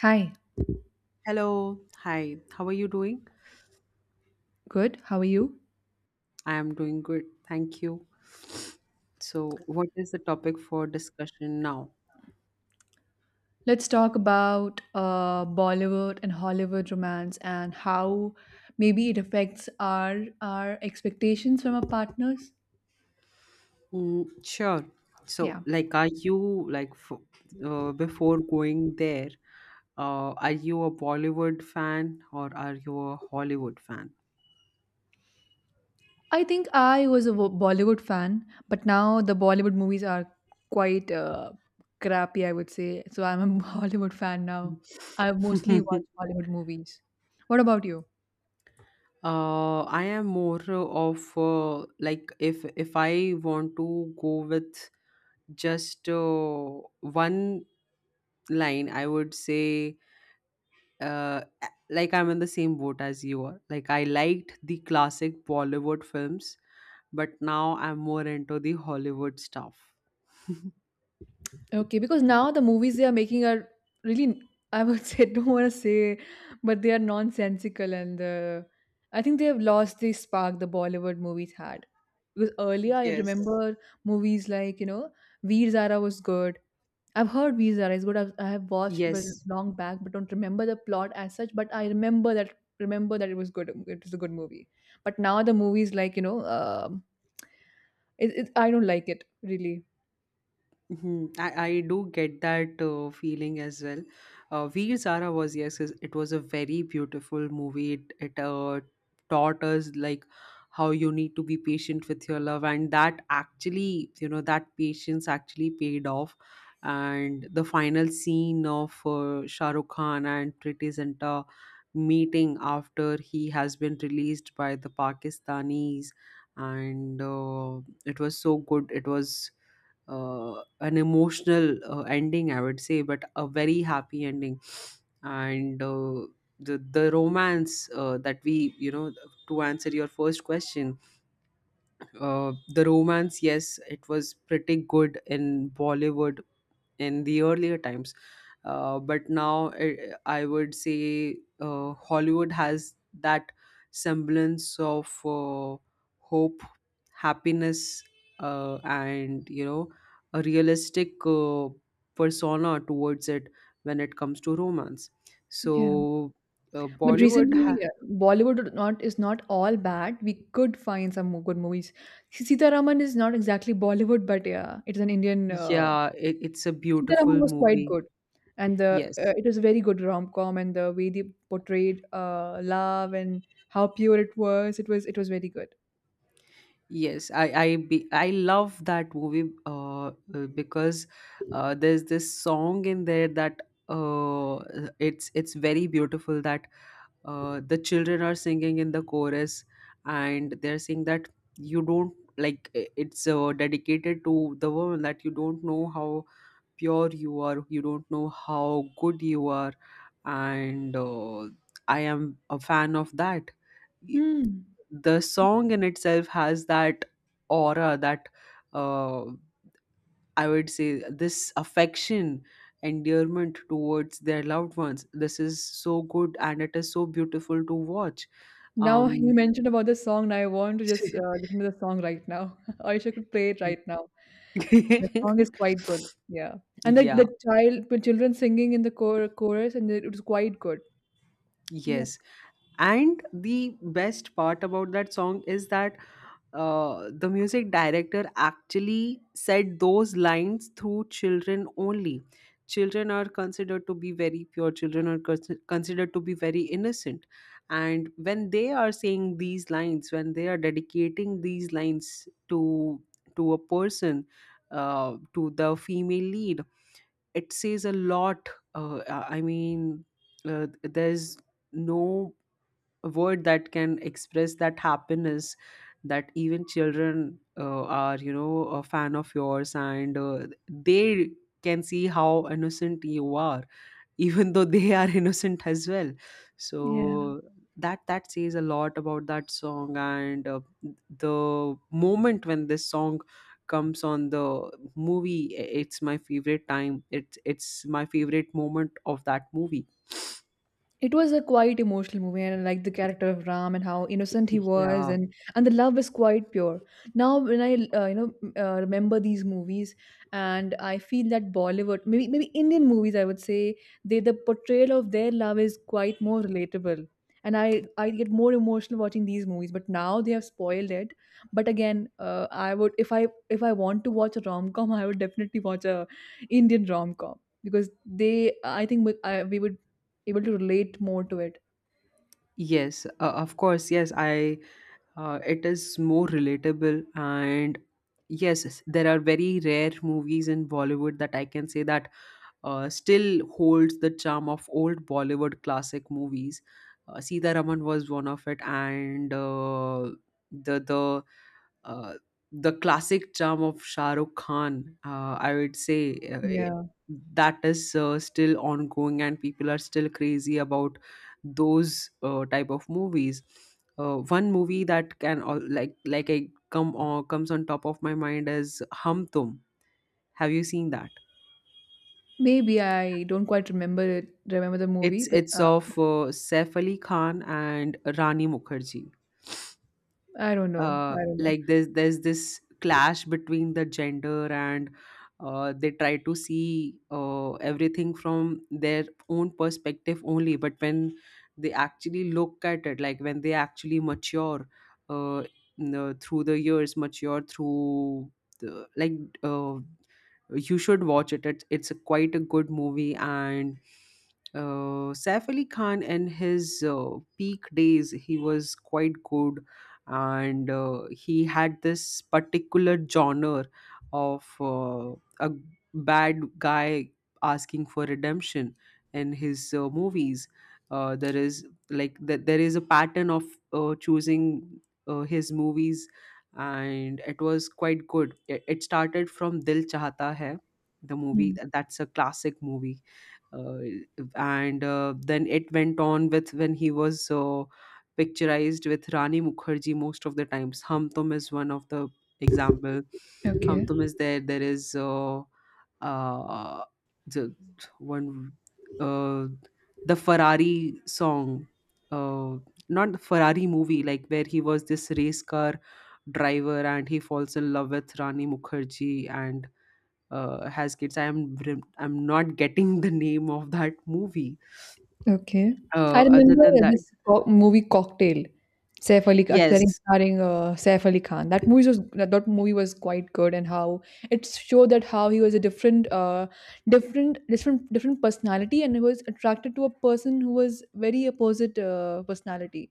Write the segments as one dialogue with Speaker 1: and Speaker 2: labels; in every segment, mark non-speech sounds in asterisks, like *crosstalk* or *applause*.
Speaker 1: Hi,
Speaker 2: Hello, hi, how are you doing?
Speaker 1: good. How are you?
Speaker 2: I am doing good, thank you. So, what is the topic for discussion now?
Speaker 1: Let's talk about Bollywood and Hollywood romance and how maybe it affects our expectations from our partners.
Speaker 2: Mm, sure.
Speaker 1: Yeah,
Speaker 2: So, like, are you like f- Before going there, are you a Bollywood fan or are you a Hollywood fan?
Speaker 1: I think I was a Bollywood fan, but now the Bollywood movies are quite crappy, I would say. So I'm a *laughs* Hollywood fan now. I mostly watch
Speaker 2: *laughs*
Speaker 1: Hollywood movies. What about you?
Speaker 2: I am more of like if I want to go with just one line, I would say like I'm in the same boat as you are. Like I liked the classic Bollywood films, but now I'm more into the Hollywood stuff.
Speaker 1: Okay, because now the movies they are making are really, I would say, *laughs* don't want to say, but they are nonsensical and I think they have lost the spark the Bollywood movies had. Because earlier I
Speaker 2: Yes.
Speaker 1: remember movies like, Veer Zara was good. I've heard Veer Zara is good. I have watched it very
Speaker 2: Yes,
Speaker 1: long back, but don't remember the plot as such. But I remember that it was good. It was a good movie. But now the movies like, I don't like it really.
Speaker 2: mhm. I do get that feeling as well. Veer Zara was, yes, it was a very beautiful movie. It taught us like how you need to be patient with your love, and that actually, you know, that patience actually paid off. And the final scene of Shah Rukh Khan and Priti Zinta meeting after he has been released by the Pakistanis, and it was so good. It was an emotional ending, I would say, but a very happy ending. And uh, the romance that we to answer your first question, the romance, yes, it was pretty good in Bollywood in the earlier times. But now I would say Hollywood has that semblance of hope, happiness, and you know a realistic persona towards it when it comes to romance.
Speaker 1: Yeah.
Speaker 2: So uh,
Speaker 1: But
Speaker 2: Bollywood, ha-
Speaker 1: recently, Bollywood is not all bad. We could find some good movies. Sitaraman is not exactly Bollywood, but yeah, it's an Indian.
Speaker 2: yeah, it, it's a
Speaker 1: Sitaraman
Speaker 2: beautiful
Speaker 1: was quite
Speaker 2: movie.
Speaker 1: good, and the
Speaker 2: Yes.
Speaker 1: it was a very good rom com, and the way they portrayed love and how pure it was, it was very good.
Speaker 2: Yes, I love that movie because there's this song in there that uh, it's very beautiful that the children are singing in the chorus and they're saying that you don't like I- it's dedicated to the woman that you don't know how pure you are, you don't know how good you are. And I am a fan of that. Y-
Speaker 1: Hmm.
Speaker 2: the song in itself has that aura that uh, I would say this affection, endearment towards their loved ones, this is so good and it is so beautiful to watch.
Speaker 1: Now you
Speaker 2: um
Speaker 1: mentioned about the song, and I want to just listen to the song right now. *laughs* Aisha could play it right now. That song is
Speaker 2: *laughs*
Speaker 1: quite good. Yeah. And the
Speaker 2: yeah,
Speaker 1: the child the children singing in the chorus and it was quite good. Yep.
Speaker 2: yes, and the best part about that song is that the music director actually said those lines through children only. Children are considered to be very pure, considered to be very innocent. And when they are saying these lines, when they are dedicating these lines to a person, to the female lead, it says a lot. I mean, there's no word that can express that happiness, that even children are, you know, a fan of yours, and they can see how innocent you are *laughs* even though they are *laughs* innocent as well.
Speaker 1: Yeah.
Speaker 2: So that that says a lot about that song. And the moment when this song comes on the movie, it's my favorite time, it's my favorite moment of that movie.
Speaker 1: It was a quite emotional movie, and I like the character of Ram and how innocent he was,
Speaker 2: Yeah,
Speaker 1: and the love is quite pure. Now, when I remember these movies, and I feel that Bollywood, maybe Indian movies, I would say the portrayal of their love is quite more relatable, and I get more emotional watching these movies. But now they have spoiled it. But again, I would if I want to watch a rom com, *laughs* I would definitely watch a Indian rom com because they I think we, I, we would able to relate more to it.
Speaker 2: yes, of course, yes. I It is more relatable, and yes, yes, there are very rare movies in Bollywood that I can say that still holds the charm of old Bollywood classic movies. Uh, Sita Raman was one of it, and the the uh, the classic charm of Shah Rukh Khan, I would say,
Speaker 1: Yeah.
Speaker 2: that is still ongoing, and people are still crazy about those type of movies. One movie that can all, like I come on, comes on top of my mind is Hum Tum. Have you seen that?
Speaker 1: Maybe I don't quite remember the movie, but
Speaker 2: It's of Saif Ali Khan and Rani Mukherjee.
Speaker 1: I don't know. I
Speaker 2: Uh,
Speaker 1: don't know.
Speaker 2: like there's this clash between the gender, and they try to see everything from their own perspective only. But when they actually look at it, like when they actually mature, uh, through the years, mature through the, uh, you should watch it. It's a quite a good movie. And Saif Ali Khan in his peak days, he was quite good, and he had this particular genre of a bad guy asking for redemption in his movies. There is like that, there is a pattern of choosing his movies, and it was quite good. It started from Dil Chahata Hai, the
Speaker 1: Hmm.
Speaker 2: movie. That's a classic movie. uh, and then it went on with when he was picturized with Rani Mukherjee most of the times. Hum Tum is one of the example. Hum
Speaker 1: Okay,
Speaker 2: Tum is there. There is uh, the one, uh, the Ferrari song, uh, not the Ferrari movie, like where he was this race car driver and he falls in love with Rani Mukherjee and has kids. I'm not getting the name of that movie.
Speaker 1: okay. I
Speaker 2: Other
Speaker 1: remember
Speaker 2: than that,
Speaker 1: this movie Cocktail, Saif Ali Khan,
Speaker 2: yes,
Speaker 1: starring Saif Ali Khan. That movie was that movie was quite good, and how it showed that how he was a different, different personality, and he was attracted to a person who was very opposite personality,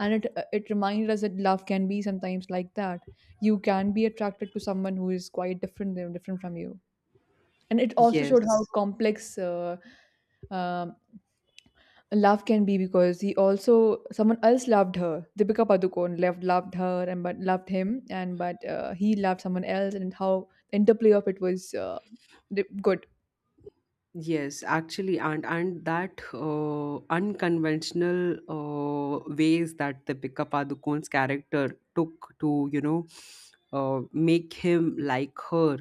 Speaker 1: and it reminded us that love can be sometimes like that. You can be attracted to someone who is quite different from you, and it also showed how
Speaker 2: yes,
Speaker 1: complex um, love can be, because he also someone else loved her. Deepika Padukone loved her and but loved him, and but he loved someone else, and how the interplay of it was good.
Speaker 2: yes, actually, and that unconventional ways that the Deepika Padukone's character took to, you know, make him like her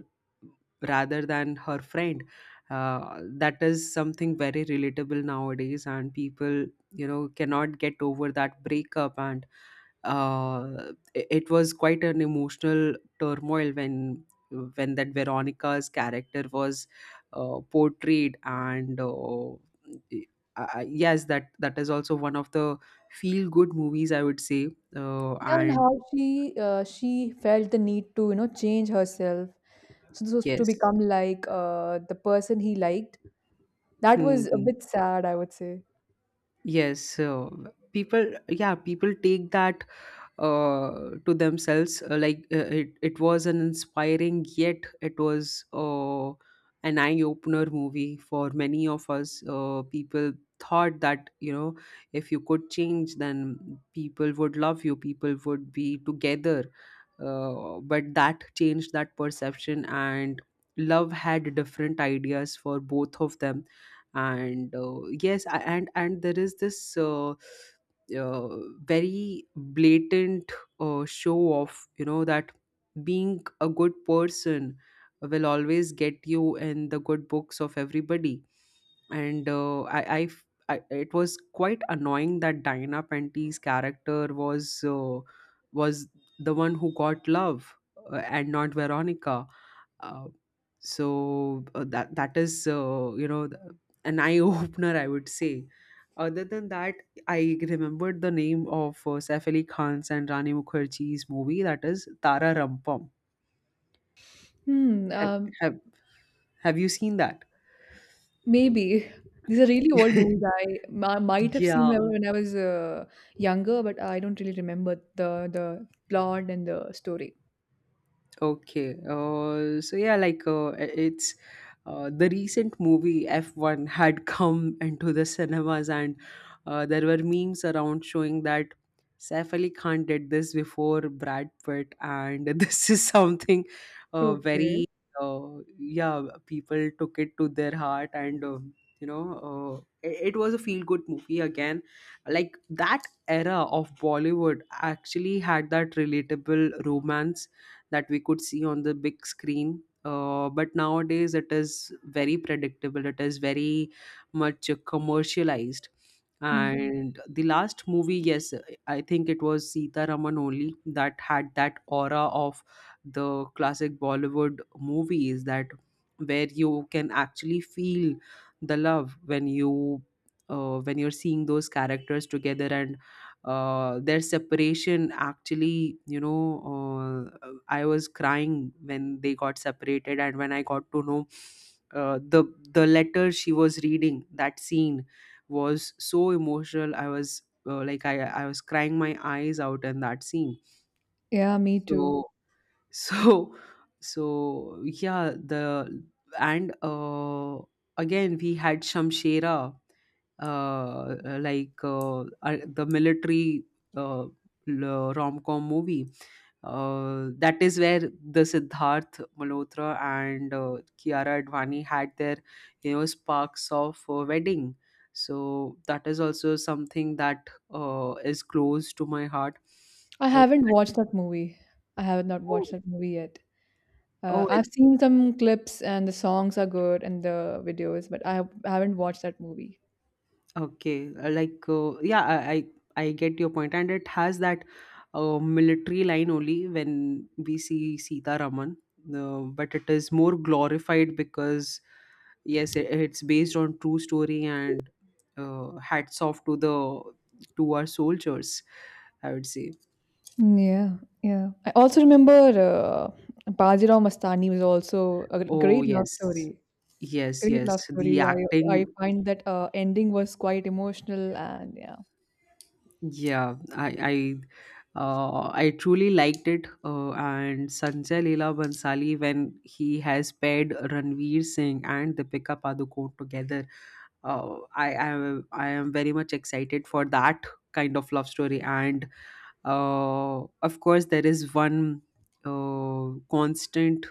Speaker 2: rather than her friend, that is something very relatable nowadays, and people, you know, cannot get over that breakup. And uh, it it was quite an emotional turmoil when that Veronica's character was portrayed, and yes, that that is also one of the feel good movies, I would say.
Speaker 1: Yeah, and
Speaker 2: And
Speaker 1: how she uh, she felt the need to, you know, change herself so this was to
Speaker 2: Yes.
Speaker 1: become like the person he liked. That
Speaker 2: Hmm,
Speaker 1: was a
Speaker 2: hmm.
Speaker 1: bit sad, I would say.
Speaker 2: Yes, people, yeah, people take that to themselves. It, it was an inspiring, yet it was an eye-opener movie for many of us. People thought that, you know, if you could change, then people would love you, people would be together. But that changed that perception, and love had different ideas for both of them. And and there is this uh, very blatant show off, you know, that being a good person will always get you in the good books of everybody. And it was quite annoying that Diana Penty's character was the one who got love, and not Veronica. uh, that that is you know, an eye *laughs* opener, I would say. Other than that, I remembered the name of Saif Ali Khan's and Rani Mukherjee's movie, that is Tara Rampam.
Speaker 1: Hmm,
Speaker 2: Have
Speaker 1: um,
Speaker 2: have have you seen that?
Speaker 1: Maybe. These are really old movies
Speaker 2: *laughs*
Speaker 1: I might have seen when
Speaker 2: Yeah.
Speaker 1: I was younger, but I don't really remember the plot and the story.
Speaker 2: Okay. So yeah, like it's the recent movie F1 had *laughs* come into the cinemas, and there were memes around showing that Saif Ali Khan did this before Brad Pitt, and *laughs* this is something
Speaker 1: Okay.
Speaker 2: very yeah, people took it to their heart, and you know. It it was a feel good movie again, like that era of Bollywood actually had that relatable romance that we could see on the big screen. But nowadays it is very predictable. It is very much commercialized.
Speaker 1: Hmm.
Speaker 2: And the last movie, yes, I think it was Sita Raman only that had that aura of the classic Bollywood movies, that where you can actually feel the love when you when you're seeing those characters together. And their separation, actually, you know, I was crying when they got separated. And when I got to know uh, the the letter she was reading, that scene was so emotional. I was like I was crying my eyes out in that scene.
Speaker 1: Yeah, me too.
Speaker 2: so so *laughs* so yeah. the and Again we had Shamshera, the military uh rom-com movie, that is where the Siddharth Malhotra and Kiara Advani had their, you know, sparks of wedding. So that is also something that is close to my heart.
Speaker 1: I
Speaker 2: Uh,
Speaker 1: haven't watched that movie. I have not
Speaker 2: oh,
Speaker 1: watched that movie yet.
Speaker 2: oh,
Speaker 1: I've seen some clips and the songs are good and the videos, but I haven't watched that movie.
Speaker 2: okay. Yeah, I get your point, and it has that military line only when we see Sita Raman, but it is more glorified because yes, it, it's based on true story. And hats off to the to our soldiers, I would say.
Speaker 1: Yeah, yeah. I also remember Bajirao Mastani was also a
Speaker 2: Oh
Speaker 1: great love
Speaker 2: yes,
Speaker 1: story.
Speaker 2: yes,
Speaker 1: Great
Speaker 2: yes.
Speaker 1: love
Speaker 2: The
Speaker 1: story. I
Speaker 2: acting,
Speaker 1: find that ending was quite emotional, and yeah.
Speaker 2: yeah, I truly liked it. And Sanjay Leela Bansali, when he has paired Ranveer Singh and Deepika Padukone together, I am very much excited for that kind of love story. And of course, there is one constant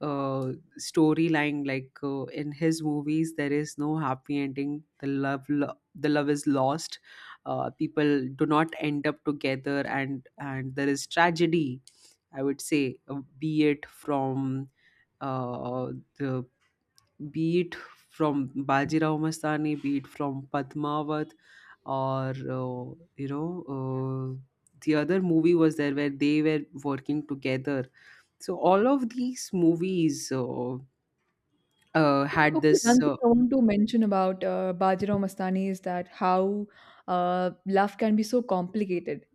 Speaker 2: uh, storyline, like in his movies there is no happy ending, the the love is lost, people do not end up together, and there is tragedy, I would say, be it from uh, the be it from Bajirao Mastani, be it from Padmavat, or you know, the other movie was there where they were working together. So all of these movies had
Speaker 1: Okay,
Speaker 2: this
Speaker 1: one thing I want to mention about Bajirao Mastani is that how love can be so complicated.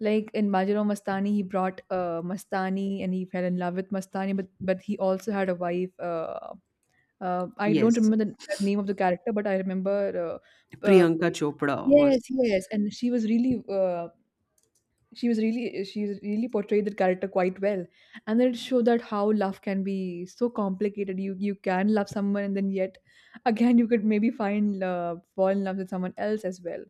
Speaker 1: Like in Bajirao Mastani, he brought Mastani and he fell in love with Mastani, but he also had a wife. I don't
Speaker 2: yes,
Speaker 1: remember the name of the character, but I remember. Uh, uh,
Speaker 2: Priyanka Chopra was
Speaker 1: yes, yes, and she was really, she really portrayed that character quite well, and it showed that how love can be so complicated. You can love someone, and then yet again you could maybe find love, fall in love with someone else as well.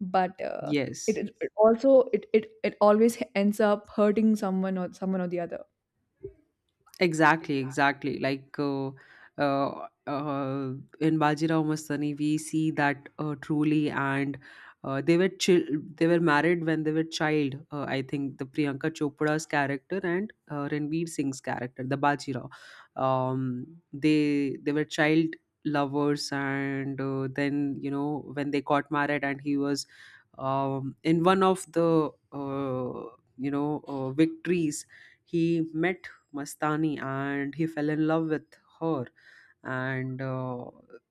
Speaker 1: But
Speaker 2: yes.
Speaker 1: it it also it always ends up hurting someone or the other.
Speaker 2: Exactly, exactly. Uh, uh, in Bajirao Mastani, we see that truly, and they were they were married when they were child. I think the Priyanka Chopra's character and Ranveer Singh's character, the Bajirao, um, they were child lovers, and then when they got married, and he was in one of the victories he met Mastani and he fell in love with her and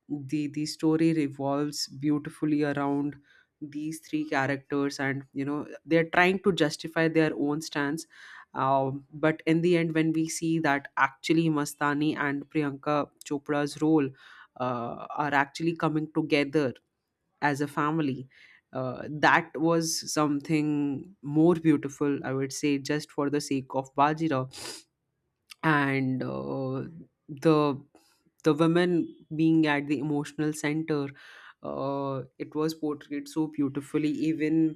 Speaker 2: The story revolves beautifully around these three characters, and they're trying to justify their own stance. But in the end, when we see that actually Mastani and Priyanka Chopra's role are actually coming together as a family, that was something more beautiful, I would say, just for the sake of Bajira. And the the women being at the emotional center, it was portrayed so beautifully. Even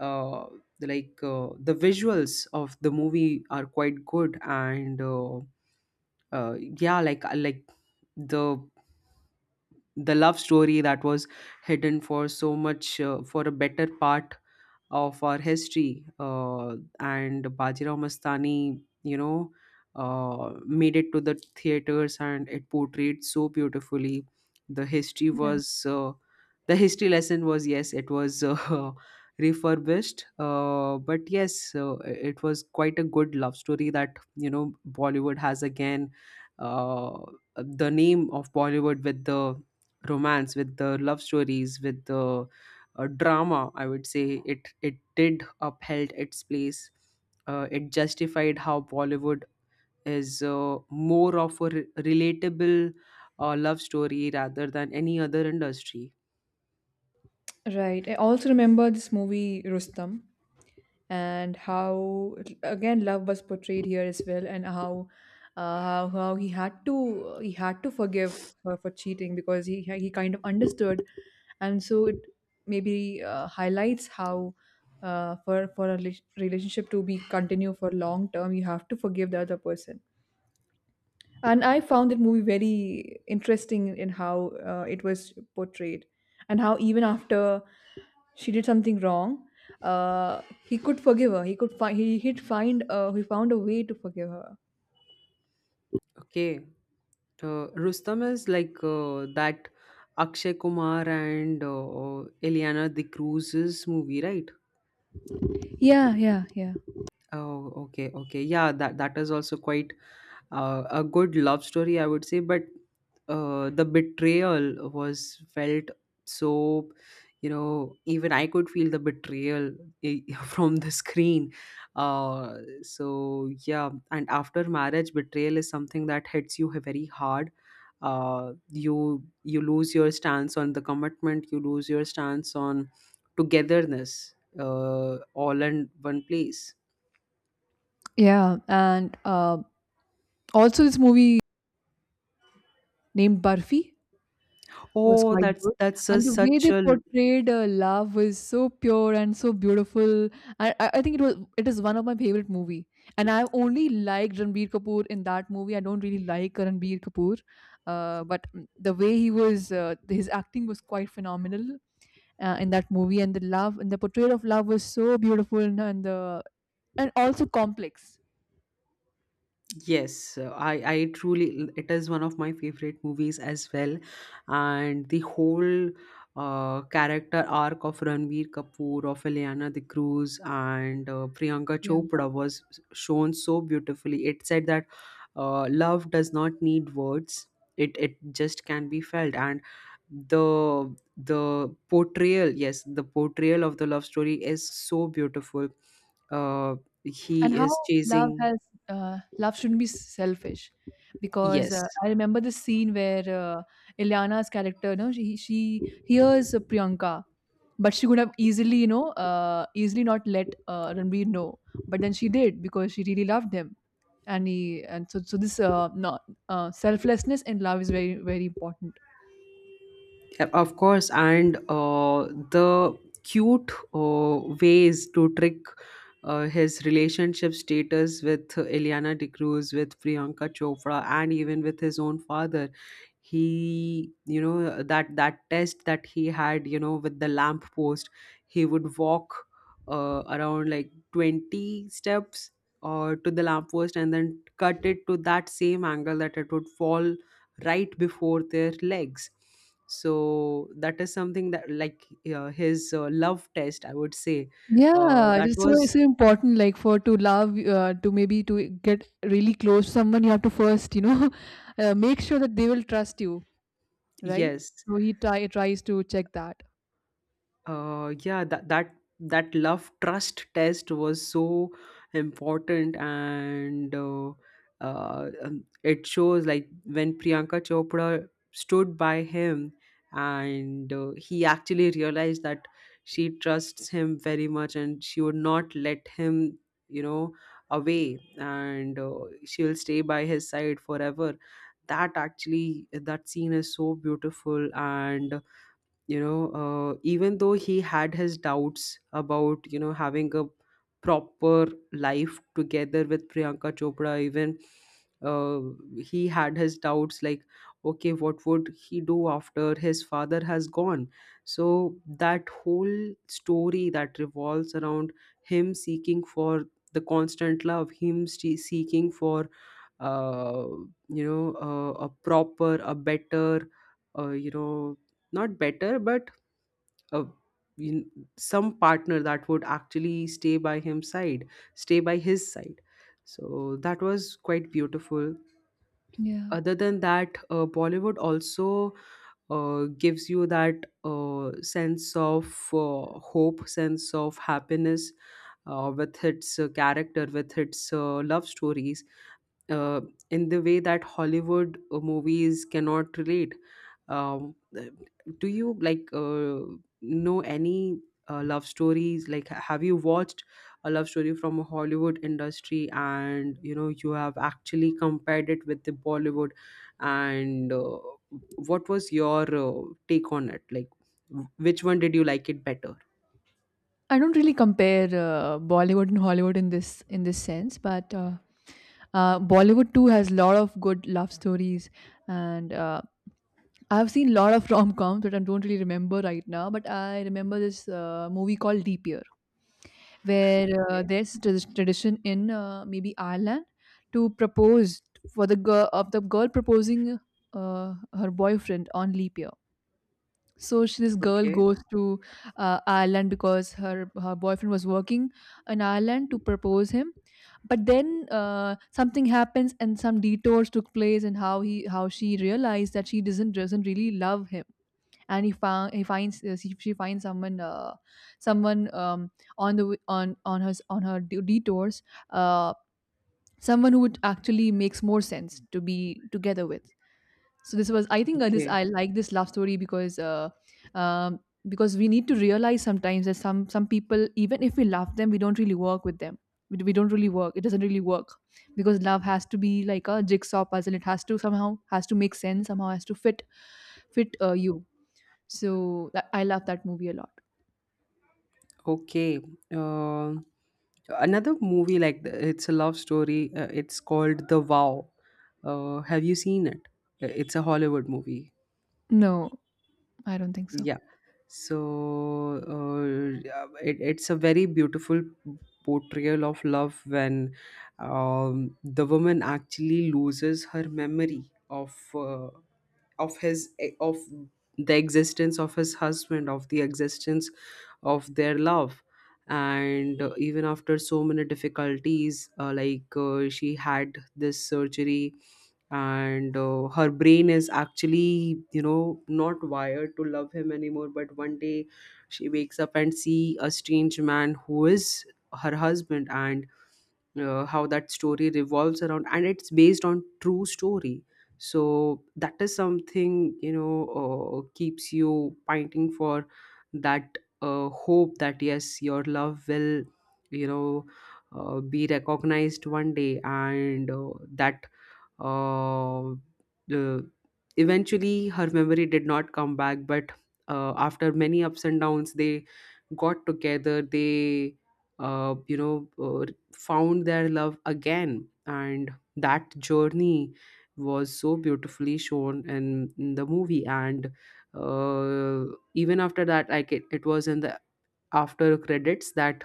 Speaker 2: uh, the visuals of the movie are quite good. And yeah like the the love story that was hidden for so much, for a better part of our history, and Bajirao Mastani, made it to the theaters, and it portrayed so beautifully. The history
Speaker 1: Yeah.
Speaker 2: was the history lesson was, yes, it was *laughs* refurbished, but yes, it was quite a good love story that, you know, Bollywood has again. uh, the name of Bollywood with the romance, with the love stories, with the drama, I would say, it did upheld its place. It justified how Bollywood is more of a relatable love story rather than any other industry.
Speaker 1: Right. I also remember this movie Rustam, and how again love was portrayed here as well, and how how he had to forgive her for cheating because he kind of understood, and so it maybe highlights how for a relationship to be continue for long term, you have to forgive the other person, and I found that movie very interesting in how it was portrayed, and how even after she did something wrong, he could forgive her. He could find he he'd find he found a way to forgive her.
Speaker 2: Okay, Rustam is like that Akshay Kumar and Eliana The Cruz's movie, right?
Speaker 1: Yeah, yeah, yeah,
Speaker 2: Oh, okay, okay, yeah, that is also quite a good love story, I would say, but the betrayal was felt, so, you know, even I could feel the betrayal *laughs* from the screen. uh, so yeah, and after marriage, betrayal is something that hits you very hard. You lose your stance on the commitment, you lose your stance on togetherness, all in one place.
Speaker 1: Yeah, and also this movie named Barfi was
Speaker 2: Oh,
Speaker 1: quite
Speaker 2: that's
Speaker 1: good. And the way
Speaker 2: such
Speaker 1: they
Speaker 2: a
Speaker 1: portrayed love was so pure and so beautiful. I think it is one of my favorite movie. And I only liked Ranbir Kapoor in that movie. I don't really like Ranbir Kapoor, but the way he was, his acting was quite phenomenal in that movie. And the love and the portrayal of love was so beautiful, and also complex.
Speaker 2: yes, I truly it is one of my favorite movies as well, and the whole character arc of Ranveer Kapoor, of Ileana De Cruz, and Priyanka
Speaker 1: Yeah.
Speaker 2: Chopra was shown so beautifully. It said that love does not need words; it just can be felt, and the the portrayal, yes, the portrayal of the love story is so beautiful. Uh, he
Speaker 1: And how
Speaker 2: is
Speaker 1: love
Speaker 2: chasing,
Speaker 1: has love shouldn't be selfish, because
Speaker 2: yes.
Speaker 1: I remember the scene where Ilyana's character, no she, she hears Priyanka, but she could have easily, you know, easily not let Ranbir know, but then she did because she really loved him, and he and so so this not selflessness in love is very important.
Speaker 2: Yeah, of course, and the cute ways to trick his relationship status with Eliana De Cruz, with Priyanka Chopra, and even with his own father. He, you know, that test that he had, you know, with the lamp post, he would walk around like 20 steps or to the lamp post, and then cut it to that same angle that it would fall right before their legs. So that is something that, like, his love test, I would say.
Speaker 1: Yeah,
Speaker 2: That
Speaker 1: it's it's
Speaker 2: was
Speaker 1: so important, like, for to love, to maybe to get really close to someone, you have to first, you know, *laughs* make sure that they will trust you, right?
Speaker 2: yes.
Speaker 1: So tries to check that.
Speaker 2: Yeah, that love trust test was so important. And it shows, like, when Priyanka Chopra stood by him, and he actually realized that she trusts him very much, and she would not let him, you know, away. And she will stay by his side forever. That actually, that scene is so beautiful. And, even though he had his doubts about, you know, having a proper life together with Priyanka Chopra, even uh, he had his doubts, like, okay, what would he do after his father has gone? So that whole story that revolves around him seeking for the constant love, him seeking for uh, a proper, a better, uh, you know not better, but a in- some partner that would actually stay by him side, stay by his side. So that was quite beautiful.
Speaker 1: Yeah.
Speaker 2: Other than that, Bollywood also gives you that sense of hope, sense of happiness, with its character, with its love stories, uh, in the way that Hollywood movies cannot relate. Um, uh, do you like, know any love stories? Like, have you watched a love story from a Hollywood industry, and, you know, you have actually compared it with the Bollywood, and what was your take on it? Like, which one did you like it better?
Speaker 1: I don't really compare Bollywood and Hollywood in this sense, but Bollywood too has a lot of good love stories, and I've seen a lot of *laughs* rom-coms that I don't really remember right now, but I remember this movie called Deep Year, where
Speaker 2: Okay.
Speaker 1: there's this tradition in maybe Ireland to propose for the girl of the girl proposing her boyfriend on leap year. So this girl
Speaker 2: Okay,
Speaker 1: goes to Ireland because her boyfriend was working in Ireland to propose him, but then something happens and some detours took place, and how she realized that she doesn't really love him, and he found he finds she finds someone, someone um, on the w- on her detours, uh, someone who would actually makes more sense to be together with. So this was, I think, this,
Speaker 2: okay.
Speaker 1: I like this love story because, um, because we need to realize sometimes that some people, even if we love them, we don't really work with them. We don't really work it doesn't really work, because love has to be like a jigsaw puzzle. It has to somehow has to make sense, somehow has to fit you. So that, I love that movie a lot.
Speaker 2: Okay. Uh, Another movie, like it's a love story. It's called The Vow. Have you seen it? It's a Hollywood movie.
Speaker 1: No, I don't think so.
Speaker 2: Yeah. So yeah, it's a very beautiful portrayal of love when the woman actually loses her memory of his of the existence of his husband, of the existence of their love. And even after so many difficulties, she had this surgery, and her brain is actually, you know, not wired to love him anymore. But one day she wakes up and see a strange man who is her husband. And how that story revolves around, and it's based on true story. So that is something, you know, keeps you pointing for that hope that, yes, your love will, you know, be recognized one day. And that uh, the eventually her memory did not come back, but after many ups and downs, they got together, they uh, you know uh, found their love again. And that journey was so beautifully shown in the movie. And uh, even after that, like, it was in the after credits that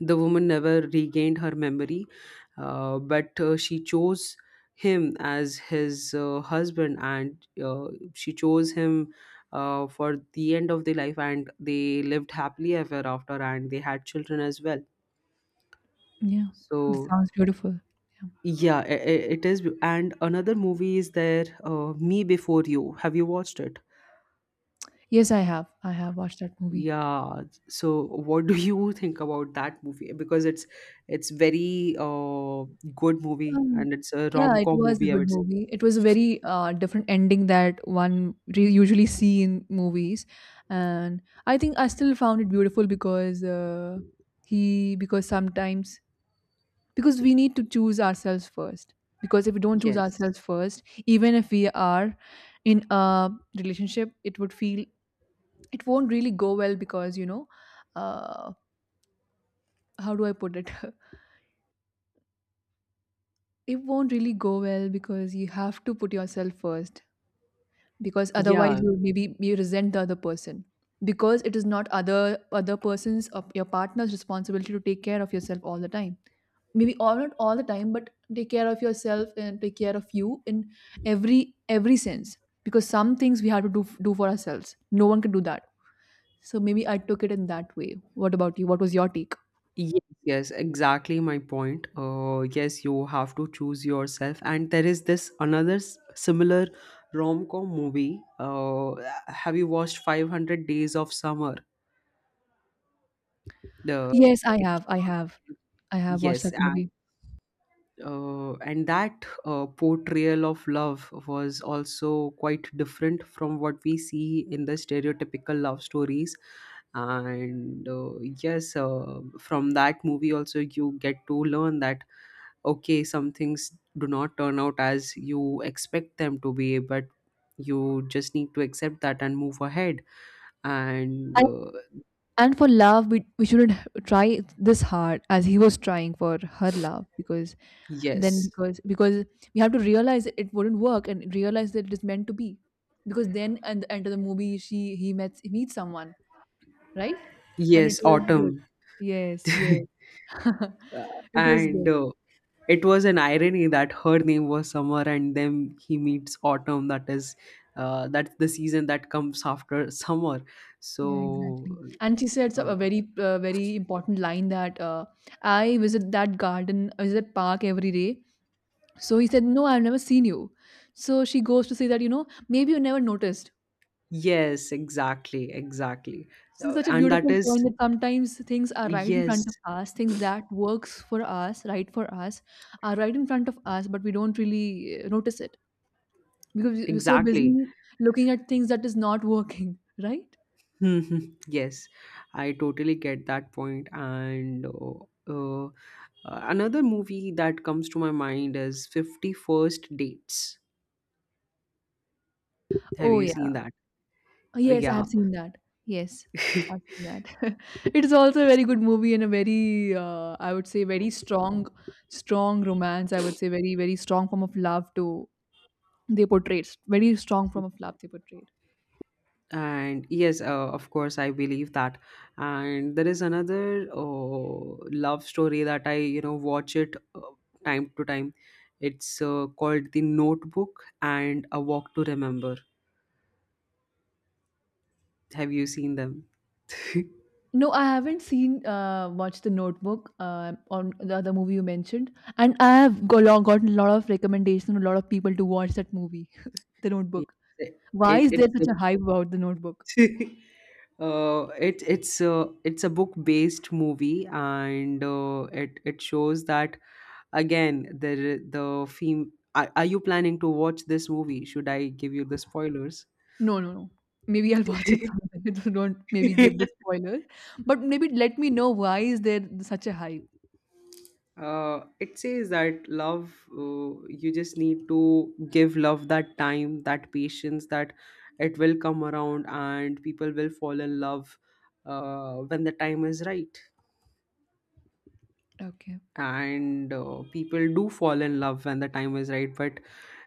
Speaker 2: the woman never regained her memory, but she chose him as his husband. And she chose him for the end of their life, and they lived happily ever after, and they had children as well.
Speaker 1: Yeah, that
Speaker 2: So,
Speaker 1: sounds beautiful. Yeah.
Speaker 2: yeah, it is. And another movie is there, Me Before You. Have you watched it?
Speaker 1: Yes, I have. I have watched that movie.
Speaker 2: Yeah. So what do you *laughs* think about that movie? Because it's very good movie,
Speaker 1: Um,
Speaker 2: and it's a
Speaker 1: yeah, it
Speaker 2: rom-com
Speaker 1: was a
Speaker 2: movie, I
Speaker 1: good
Speaker 2: would say.
Speaker 1: movie. It was a very different ending that one usually see in movies, and I think I still found it beautiful because he because sometimes because we need to choose ourselves first. Because if we don't choose
Speaker 2: Yes.
Speaker 1: ourselves first, even if we are in a relationship, it would feel it won't really go well because, you know, uh, how do I put it? *laughs* It won't really go well because you have to put yourself first, because otherwise
Speaker 2: Yeah.
Speaker 1: you maybe you resent the other person, because it is not other person's or your partner's responsibility to take care of yourself all the time, maybe all not all the time, but take care of yourself and take care of you in every every sense, because some things we have to do for ourselves. No one can do that. So maybe I took it in that way. What about you? What was your take?
Speaker 2: Yes, yes, exactly my point. Yes, you have to choose yourself. And there is this another similar rom-com movie. Have you watched 500 Days of Summer? The
Speaker 1: Yes, I
Speaker 2: it
Speaker 1: have. I have watched
Speaker 2: Yes,
Speaker 1: that movie.
Speaker 2: And that portrayal of love was also quite different from what we see in the stereotypical love stories. And yes, from that movie, also you get to learn that, okay, some things do not turn out as you expect them to be, but you just need to accept that and move ahead. And
Speaker 1: And, and for love, we shouldn't try this hard as he was trying for her love, because then
Speaker 2: yes,
Speaker 1: because we have to realize it wouldn't work and realize that it is meant to be, because then at the end of the movie she he met he meets someone, right? And it
Speaker 2: yes,
Speaker 1: was good.
Speaker 2: autumn.
Speaker 1: Yes, yes, *laughs* it was
Speaker 2: And
Speaker 1: good.
Speaker 2: it was an irony that her name was Summer, and then he meets Autumn. That is, that's the season that comes after summer. So,
Speaker 1: Yeah, exactly. And she said
Speaker 2: uh,
Speaker 1: a very very important line that, I visit that garden, I visit park every day. So he said, no, I've never seen you. So she goes to say that, you know, maybe you never noticed.
Speaker 2: yes, exactly, exactly,
Speaker 1: This is such a
Speaker 2: And that
Speaker 1: beautiful
Speaker 2: is
Speaker 1: point, that sometimes things are right in
Speaker 2: yes,
Speaker 1: front of us, things that works for us, right for us, are right in front of us, but we don't really notice it, because we're so
Speaker 2: exactly.
Speaker 1: busy looking at things that is not working, *laughs* right?
Speaker 2: *laughs* Mhm. Yes, I totally get that point. And. Uh, another movie that comes to my mind is 51st Dates. Have
Speaker 1: Oh
Speaker 2: you
Speaker 1: yeah,
Speaker 2: seen that?
Speaker 1: yes, I
Speaker 2: Yeah.
Speaker 1: have seen that. Yes, I've
Speaker 2: *laughs*
Speaker 1: seen that. *laughs* It is also a very good movie and a very, I would say, very strong romance. I would say very, very strong form of love to, they portrayed s- very strong from a flap they portrayed.
Speaker 2: And yes, of course I believe that. And there is another love story that I, you know, watch it time to time. It's called The Notebook and A Walk to Remember. Have you seen them? *laughs*
Speaker 1: No, I haven't seen watched The Notebook, on the other movie you mentioned, and I have gotten a lot of recommendations from a lot of people to watch that movie, *laughs* The
Speaker 2: it,
Speaker 1: Notebook. Why
Speaker 2: it
Speaker 1: is
Speaker 2: it's
Speaker 1: there such a
Speaker 2: a-
Speaker 1: hype about The Notebook?
Speaker 2: *laughs* it's a book based movie, and it it shows that, again, the theme are you planning to watch this movie? Should I give you the spoilers?
Speaker 1: No, no, no, maybe I'll *laughs* watch it
Speaker 2: *laughs*
Speaker 1: someday. *laughs* So don't maybe give the
Speaker 2: uh,
Speaker 1: spoiler, but maybe let me know why is there such a hype.
Speaker 2: it says that love, you just need to give love that time, that patience, that it will come around, and people will fall in love when the time is right.
Speaker 1: Okay.
Speaker 2: And people do fall in love when the time is right, but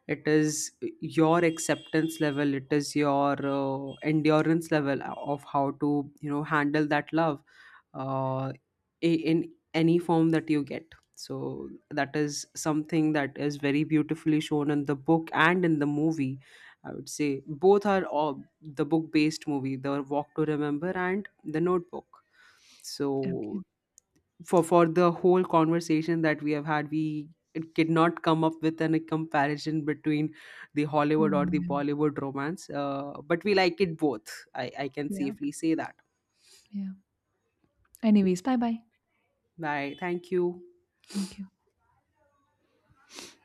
Speaker 2: it is your acceptance level, it is your endurance level of how to, you know, handle that love uh, in any form that you get. So that is something that is very beautifully shown in the book and in the movie, I would say. Both are the book based movie, The Walk to Remember and The Notebook. So
Speaker 1: Okay,
Speaker 2: for the whole conversation that we have had, we it did not come up with any comparison between the Hollywood or the
Speaker 1: yeah,
Speaker 2: Bollywood romance, but we like it both, I can
Speaker 1: yeah,
Speaker 2: safely say that.
Speaker 1: yeah. Anyways, bye bye.
Speaker 2: Bye, thank you.
Speaker 1: Thank you.